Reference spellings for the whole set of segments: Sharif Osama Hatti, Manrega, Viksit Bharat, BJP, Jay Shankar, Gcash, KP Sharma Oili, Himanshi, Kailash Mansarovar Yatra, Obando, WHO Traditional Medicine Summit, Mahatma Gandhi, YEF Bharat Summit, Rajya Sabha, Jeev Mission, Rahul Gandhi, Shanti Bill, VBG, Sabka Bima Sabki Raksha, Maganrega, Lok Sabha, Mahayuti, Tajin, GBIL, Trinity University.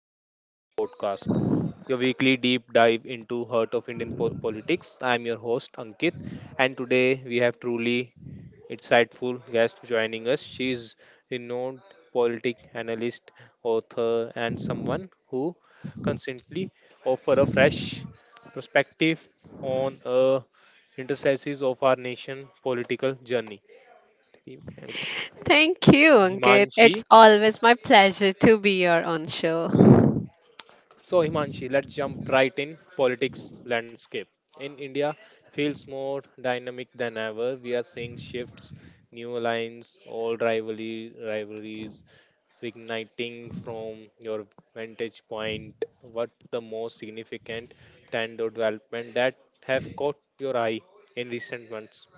Bharat Vatra podcast, your weekly deep dive into heart of Indian politics. I am your host Ankit, and today we have truly insightful guest joining us. She is renowned politic analyst, author, and someone who constantly offer a fresh perspective on interstices of our nation political journey. Thank you, Ankit. Himanshi. It's always my pleasure to be your on show. So, Himanshi, let's jump right in politics landscape. In India, feels more dynamic than ever. We are seeing shifts, new alliance, old rivalry, rivalries reigniting from your vantage point. What the most significant trend or development that have caught your eye in recent months?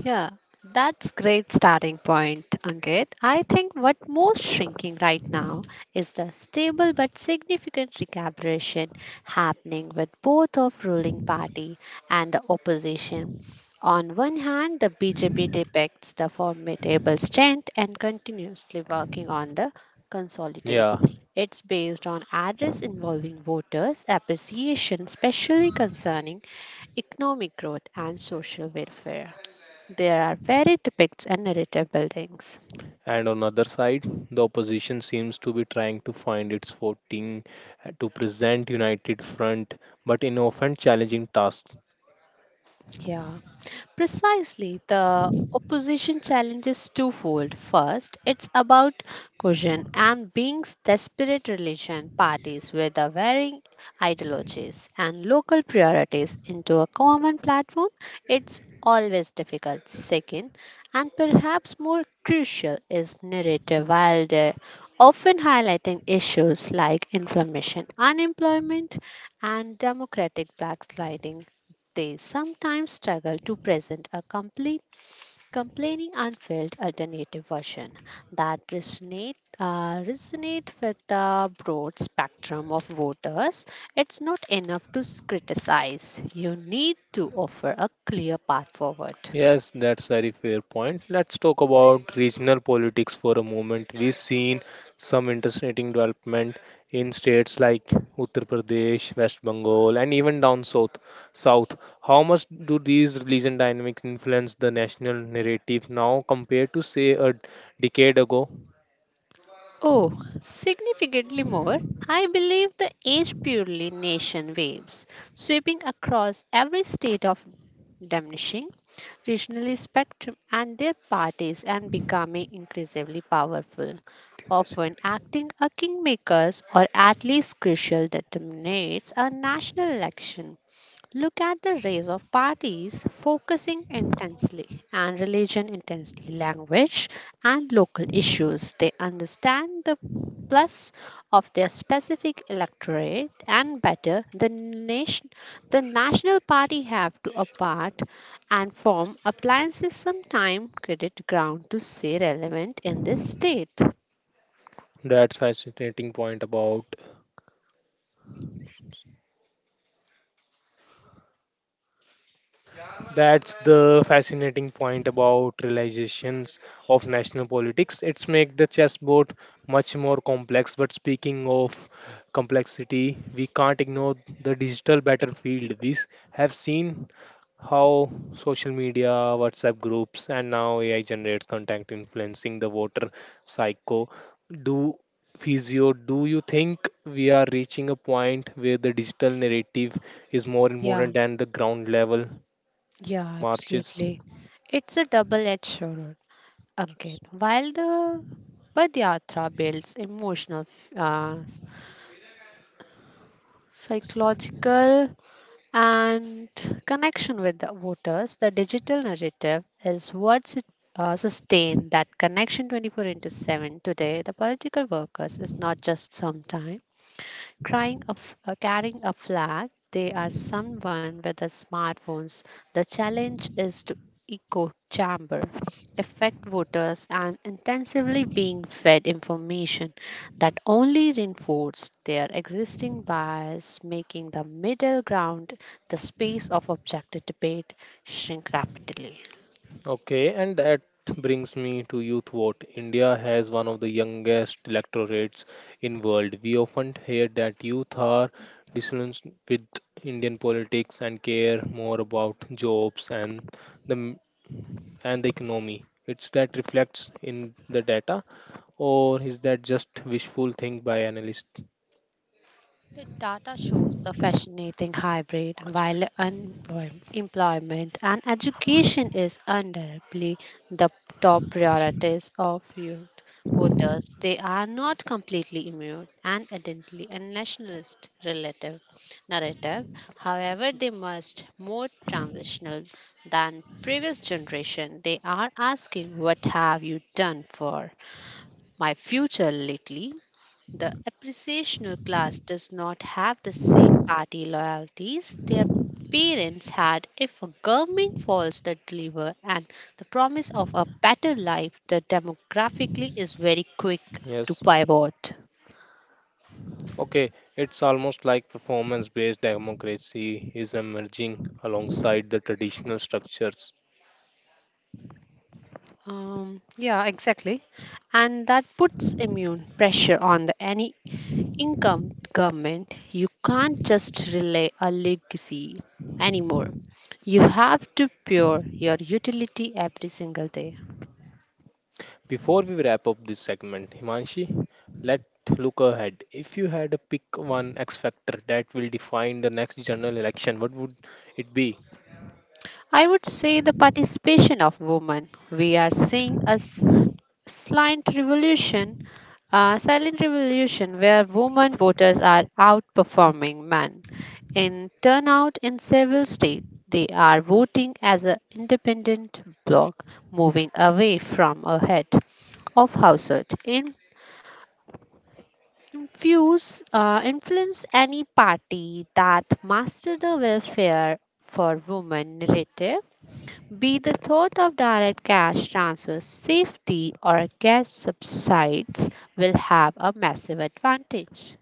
Yeah, that's great starting point, Ankit. I think what most shrinking right now is the stable but significant recalibration happening with both of ruling party and the opposition. On one hand, the BJP depicts the formidable strength and continuously working on the consolidate. Yeah. It's based on address involving voters' appreciation, especially concerning economic growth and social welfare. There are varied depicts and narrative buildings. And on other side, the opposition seems to be trying to find its footing to present united front, but in often challenging tasks. Yeah. Precisely, the opposition challenge is twofold. First, it's about cohesion and being desperate relation parties with the varying ideologies and local priorities into a common platform. It's always difficult. Second, and perhaps more crucial, is narrative while they often highlighting issues like inflammation, unemployment, and democratic backsliding they sometimes struggle to present a complete, complaining, unfilled alternative version that resonate with the broad spectrum of voters. It's not enough to criticize. You need to offer a clear path forward. Yes, that's very fair point. Let's talk about regional politics for a moment. We've seen some interesting development in states like Uttar Pradesh, West Bengal, and even down south. South. How much do these religion dynamics influence the national narrative now compared to say a decade ago? Oh, significantly more. I believe the age purely nation waves sweeping across every state of diminishing regionally spectrum and their parties and becoming increasingly powerful, often acting as kingmakers or at least crucial determinates a national election. Look at the race of parties focusing intensely and religion intensely, language and local issues. They understand the plus of their specific electorate and better the nation the national party have to apart and form appliances sometime credit ground to say relevant in this state. That's fascinating point about That's the fascinating point about realizations of national politics. It's make the chessboard much more complex. But speaking of complexity, we can't ignore the digital battlefield. We have seen how social media, WhatsApp groups, and now AI generates content influencing the voter psycho. Do do you think we are reaching a point where the digital narrative is more Yeah, important than the ground level yeah, marches. absolutely. It's a double edged sword. Again, while the Padyatra builds emotional, uh, psychological, and connection with the voters, the digital narrative is what sustain that connection 24 into 7. Today, the political workers is not just some time carrying a flag. They are someone with the smartphones. The challenge is to echo chamber, affect voters, and intensively being fed information that only reinforce their existing bias, making the middle ground the space of objective debate shrink rapidly. Okay, and that brings me to youth vote. India has one of the youngest electorates in world. We often hear that youth are disillusioned with Indian politics and care more about jobs and the m- and the economy. It's that reflects in the data, or is that just wishful think by analysts? The data shows the fascinating hybrid पाँच while मिनट, unemployment, employment and पाँच education मिनट, is undoubtedly the top पाँच मिनट. priorities of youth voters. They are not completely immune and identity and nationalist relative narrative. However, they must more transitional than previous generation. They are asking, "What have you done for my future lately?" The appreciational class does not have the same party loyalties their parents had. If a government fails to deliver and the promise of a better life, the demographically is very quick to Yes. pivot. Okay, it's almost like performance based democracy is emerging alongside the traditional structures. Yeah, exactly. And that puts immune pressure on the any income government. You can't just relay a legacy anymore. You have to pure your utility every single day. Before we wrap up this segment, Himanshi, let's look ahead. If you had to pick one X factor that will define the next general election, what would it be? I would say the participation of women. We are seeing a silent revolution, silent revolution where women voters are outperforming men in turnout in several states. They are voting as an independent bloc, moving away from a head of household. In influence any party that master the welfare for women narrative be the thought of direct cash transfer safety or cash subsides will have a massive advantage.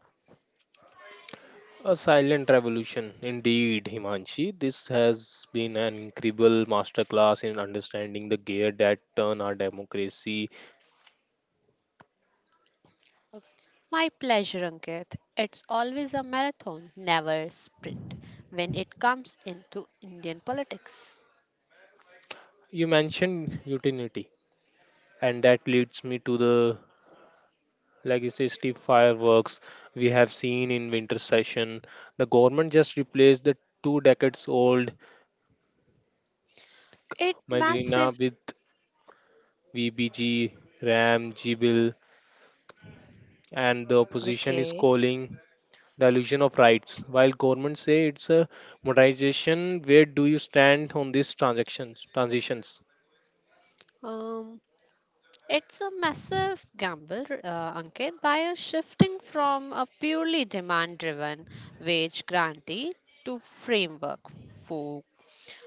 A silent revolution, indeed, Himanshi. This has been an incredible masterclass in understanding the gear that turn our democracy. My pleasure, Ankit. It's always a marathon, never a sprint when it comes into Indian politics. You mentioned utility, and that leads me to the like you say, steep fireworks we have seen in winter session. The government just replaced the two decades old It Migrina massive. with VBG, RAM, GBIL, and the opposition is Okay. calling dilution of rights. While government say it's a modernization, where do you stand on these transactions transitions? Um, it's a massive gamble, Ankit, by a shifting from a purely demand-driven wage grantee to framework fo-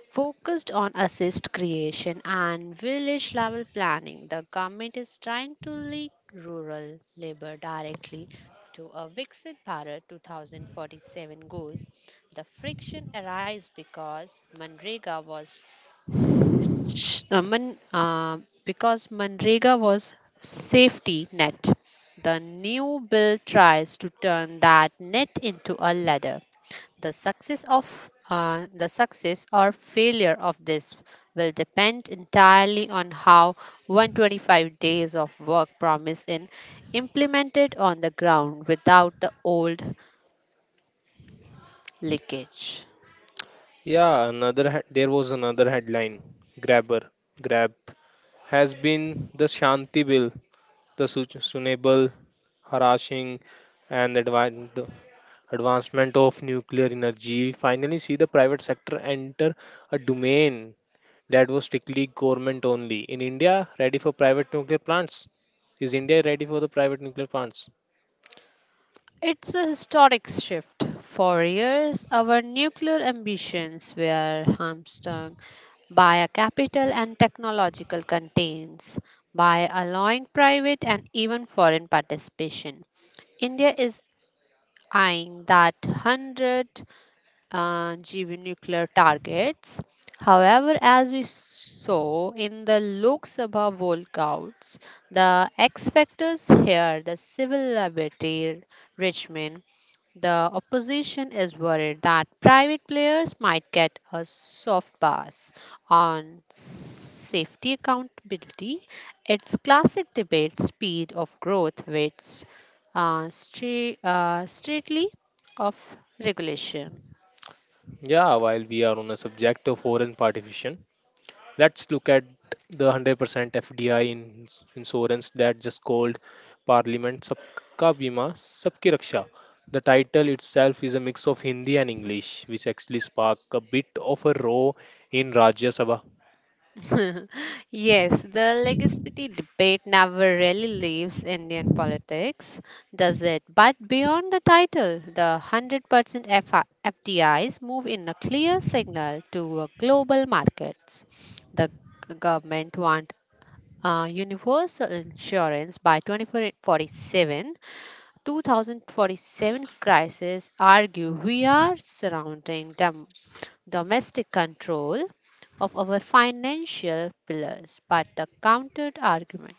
focused on assist creation and village level planning. The government is trying to link rural labor directly to a Viksit Bharat 2047 goal. The friction arises because Manrega was Sh- Man, because Manrega was safety net. The new bill tries to turn that net into a ladder. The success of the success or failure of this will depend entirely on how 125 days of work promised in implemented on the ground without the old leakage. Yeah, another there was another headline. Grabber, Grab has been the Shanti Bill the sustainable, harassing, and the advancement of nuclear energy, finally see the private sector enter a domain that was strictly government only. In India, ready for private nuclear plants? Is India ready for the private nuclear plants? It's a historic shift. For years, our nuclear ambitions were hamstrung by a capital and technological constraints, by allowing private and even foreign participation. India is eyeing that 100 GV nuclear targets. However, as we saw in the Lok Sabha walkouts, the X factors here, the civil liberty Richmond, the opposition is worried that private players might get a soft pass on safety accountability. Its classic debate speed of growth waits straightly of regulation. Yeah, while we are on the subject of foreign participation, let's look at the 100% FDI in insurance that just called Parliament Sabka Bima Sabki Raksha. The title itself is a mix of Hindi and English, which actually sparked a bit of a row in Rajya Sabha. Yes, the legacy debate never really leaves Indian politics, does it? But beyond the title, the 100% FI FDIs move in a clear signal to global markets. The government want universal insurance by 2047. 2047 crisis argue we are surrounding domestic control of our financial pillars. But the counter argument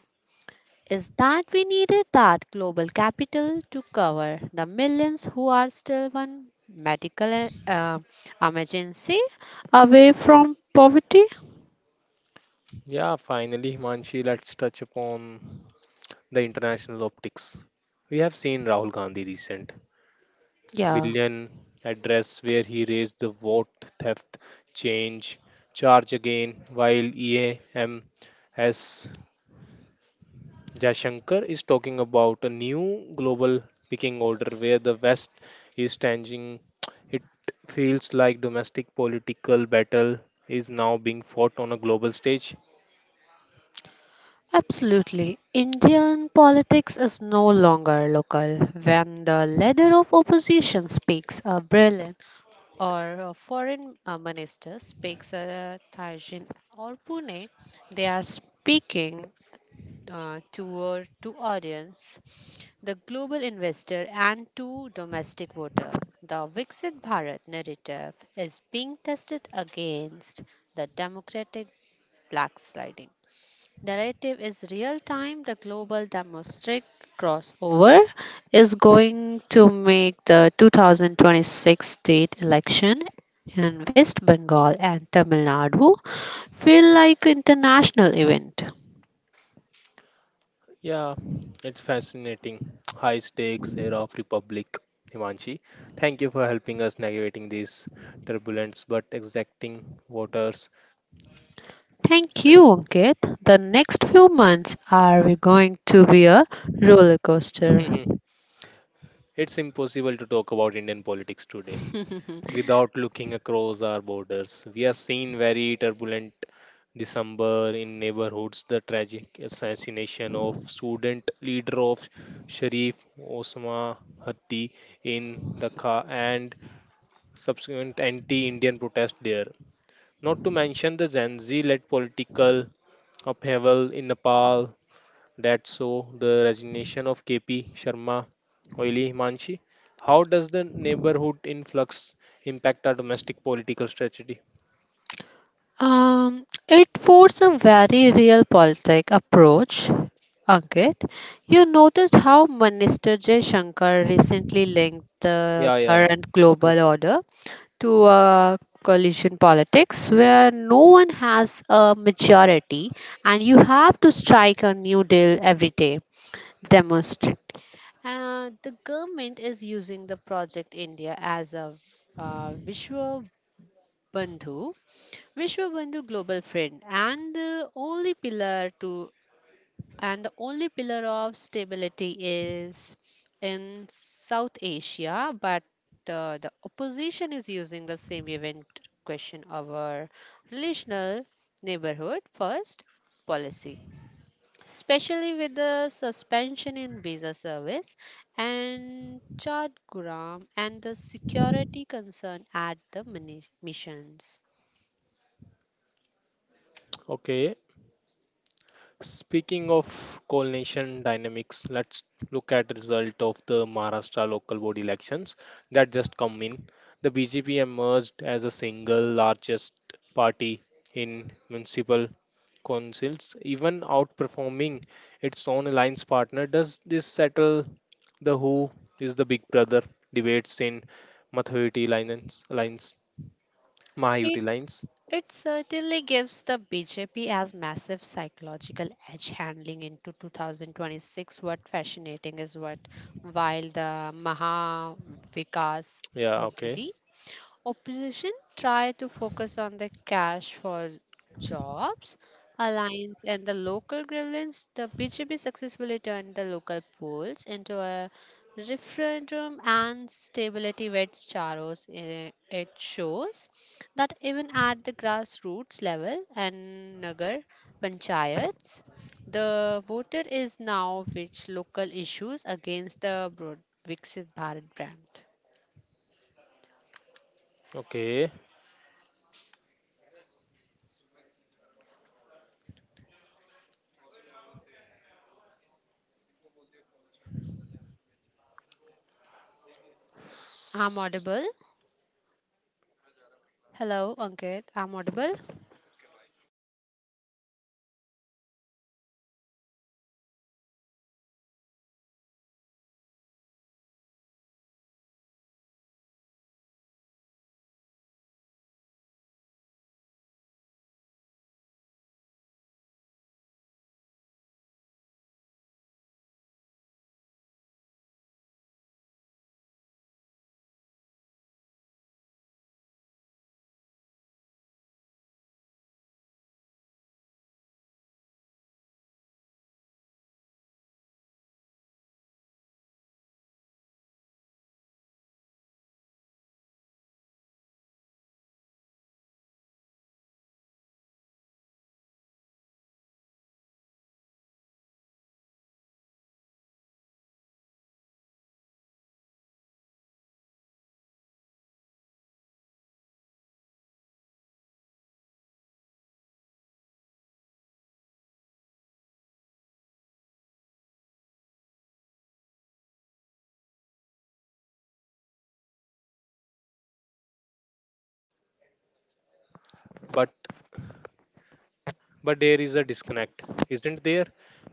is that we needed that global capital to cover the millions who are still one medical emergency away from poverty. Yeah, finally, Himanshi, let's touch upon the international optics. We have seen Rahul Gandhi recent Yeah, billion address where he raised the vote theft change charge again while EAM as Jashankar is talking about a new global picking order where the West is changing. It feels like domestic political battle is now being fought on a global stage. absolutely. Indian politics is no longer local. When the leader of opposition speaks a brilliant or foreign minister speaks Tajin or Pune, they are speaking toward to audience, the global investor and to domestic voter. The Viksit Bharat narrative is being tested against the democratic blacksliding. Narrative is real time. The global domestic crossover is going to make the 2026 state election in West Bengal and Tamil Nadu feel like international event. Yeah, it's fascinating. High stakes era of republic, Himanshi. Thank you for helping us navigating these turbulence but exacting waters. Thank you, Ankit. The next few months are we going to be a roller coaster. Mhm. It's impossible to talk about Indian politics today without looking across our borders. We have seen very turbulent December in neighborhoods, the tragic assassination of student leader of Sharif Osama Hatti in the car and subsequent anti Indian protest there. Not to mention the Gen Z led political upheaval in Nepal that saw the resignation of KP Sharma Oili Himanshi. How does the neighborhood influx impact our domestic political strategy? It forced a very real politic approach. Ankit, you noticed how Minister Jay Shankar recently linked the Yeah, yeah, yeah. current Okay. global order to a coalition politics where no one has a majority and you have to strike a new deal every day. Demonstrate. The government is using the Project India as a Vishwa Bandhu Vishwabandhu global friend and the only pillar of stability is in South Asia, but the opposition is using the same event to question our relational neighborhood first policy, especially with the suspension in visa service and Chad and the security concern at the missions. Okay. Speaking of coalition dynamics, let's look at result of the Maharashtra local board elections that just come in. The BJP emerged as a single largest party in municipal councils, even outperforming its own alliance partner. Does this settle the who is the big brother debates in Mathuyuti alliance, alliance, Mahayuti alliance? It certainly gives the BJP as massive psychological edge handling into 2026. What fascinating is what while the Maha Vikas Yeah, okay, Agidi Opposition try to focus on the cash for jobs, alliance, and the local grievances. The BJP successfully turned the local polls into a referendum and stability vets charos. Eh, it shows that even at the grassroots level and Nagar panchayats, the voter is now which local issues against the broad Viksit Bharat brand. okay, I'm audible. Hello, Ankit. I'm audible. but but there is a disconnect, isn't there?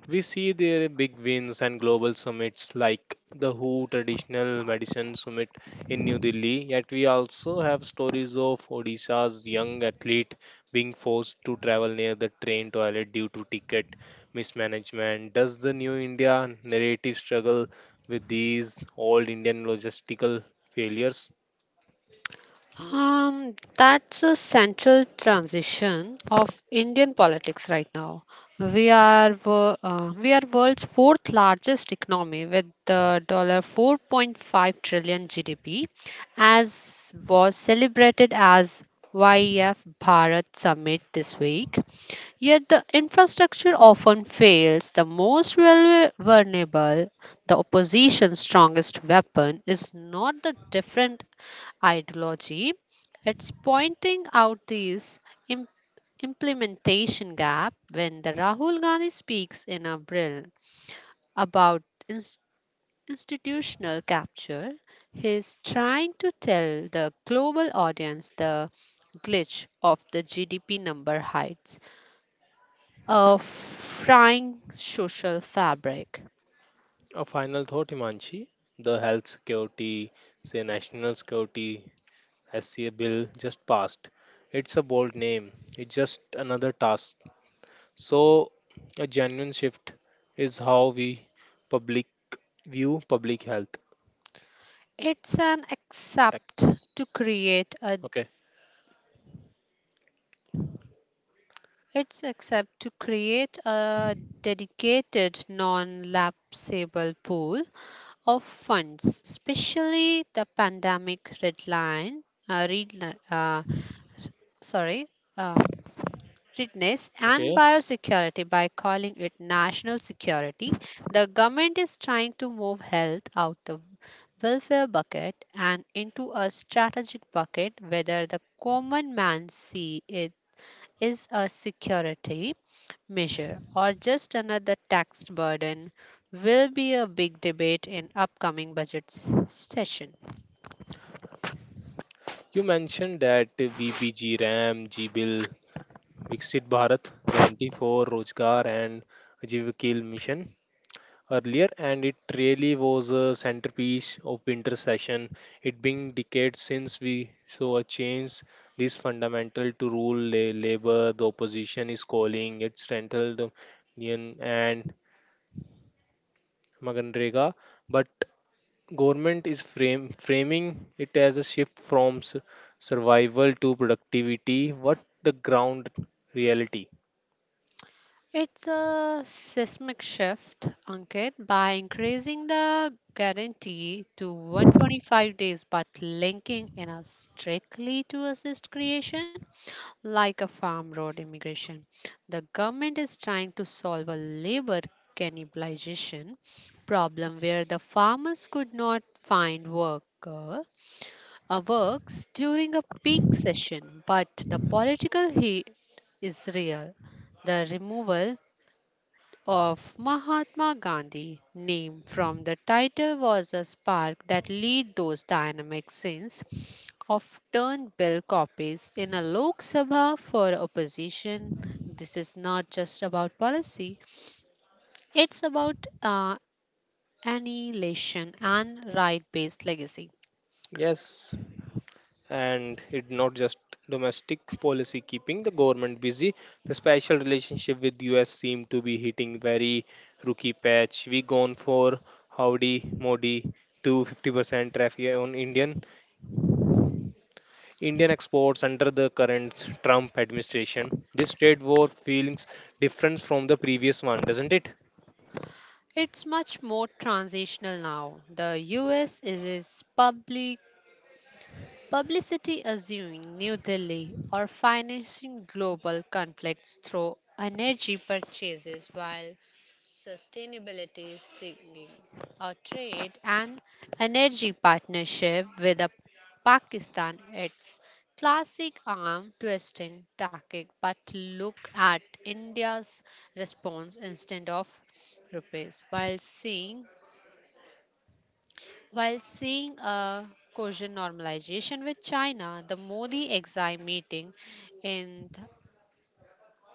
We see their big wins and global summits like the WHO Traditional Medicine Summit in New Delhi, yet we also have stories of Odisha's young athlete being forced to travel near the train toilet due to ticket mismanagement. Does the New India narrative struggle with these old Indian logistical failures? That's a central transition of Indian politics right now. We are world's fourth largest economy with the dollar 4.5 trillion GDP, as was celebrated as YEF Bharat Summit this week. Yet the infrastructure often fails the vulnerable. The opposition's strongest weapon is not the different ideology, it's pointing out these im- implementation gap when the Rahul Gandhi speaks in April about ins- institutional capture. He's trying to tell the global audience the glitch of the GDP number hides a frying social fabric. A final thought, Himanshi. The health security, say national security SCA bill just passed. It's a bold name. It's just another task. So a genuine shift is how we public view public health. It's an accept to create a Okay. it's accept to create a dedicated non-lapsable pool of funds, especially the pandemic red line, red, li- sorry, uh, fitness and Okay. biosecurity by calling it national security. The government is trying to move health out the welfare bucket and into a strategic bucket whether the common man see it is a security measure or just another tax burden will be a big debate in upcoming budget session. You mentioned that VBG, RAM, G-Bill, Viksit Bharat, Guarantee for Rozgar and Jeev Mission earlier, and it really was a centerpiece of winter session. It being decades since we saw a change this fundamental to rule labor. The opposition is calling it central union and Maganrega, but government is framing it as a shift from survival to productivity. What the ground reality? It's a seismic shift, Ankit, by increasing the guarantee to 125 days but linking in a strictly to assist creation like a farm road immigration. The government is trying to solve a labor cannibalization problem where the farmers could not find worker works during a peak session, but the political heat is real. The removal of Mahatma Gandhi name from the title was a spark that lit those dynamic scenes of turned bill copies in a Lok Sabha for opposition. This is not just about policy, it's about uh, annihilation and right based legacy. Yes. And it not just domestic policy keeping the government busy, the special relationship with us seem to be hitting very rookie patch. We gone for howdy modi to 50% tariff on indian exports under the current trump administration. This trade war feels different from the previous one, doesn't it? It's much more transitional now. The US is publicity assuming New Delhi or financing global conflicts through energy purchases while sustainability signaling a trade and energy partnership with a Pakistan its classic arm twisting tactic but look at India's response instead of rupees while seeing a Korean normalization with China, the Modi exile meeting in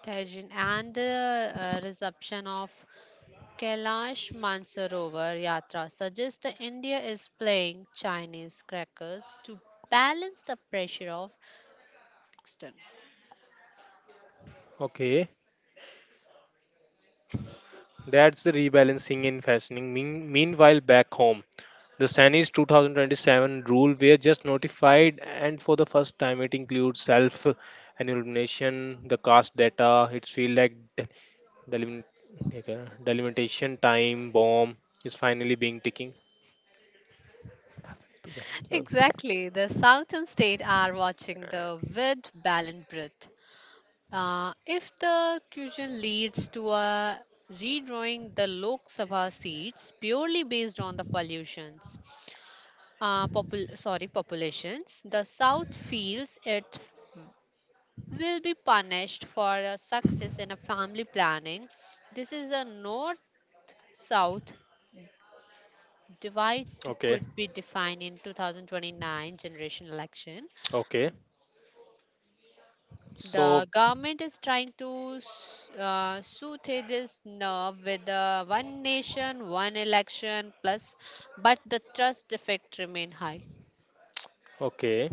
Tajin and the reception of Kailash Mansarovar Yatra suggests that India is playing Chinese crackers to balance the pressure of Pakistan. Okay, that's the rebalancing in fashioning. Meanwhile, back home, the Chinese 2027 rule were just notified, and for the first time, it includes self illumination, the caste data. It's feel like delim- like a delimitation time bomb is finally being ticking. Exactly, the southern states are watching the with balanced breath. If the question leads to a redrawing the Lok Sabha seats purely based on the pollutions, popul- sorry populations, the South feels it will be punished for a success in a family planning. This is a North South Okay, could be defined in 2029 generation election. okay. The So, government is trying to soothe this nerve with the one nation, one election plus, but the trust effect remain high. okay.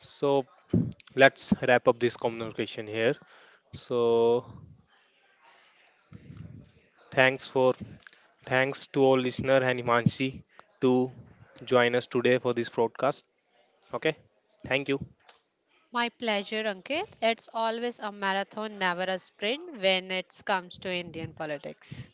So, let's wrap up this communication here. So, thanks for thanks to all listener and Himanshi to join us today for this broadcast. Okay, thank you. My pleasure, Ankit. It's always a marathon, never a sprint when it comes to Indian politics.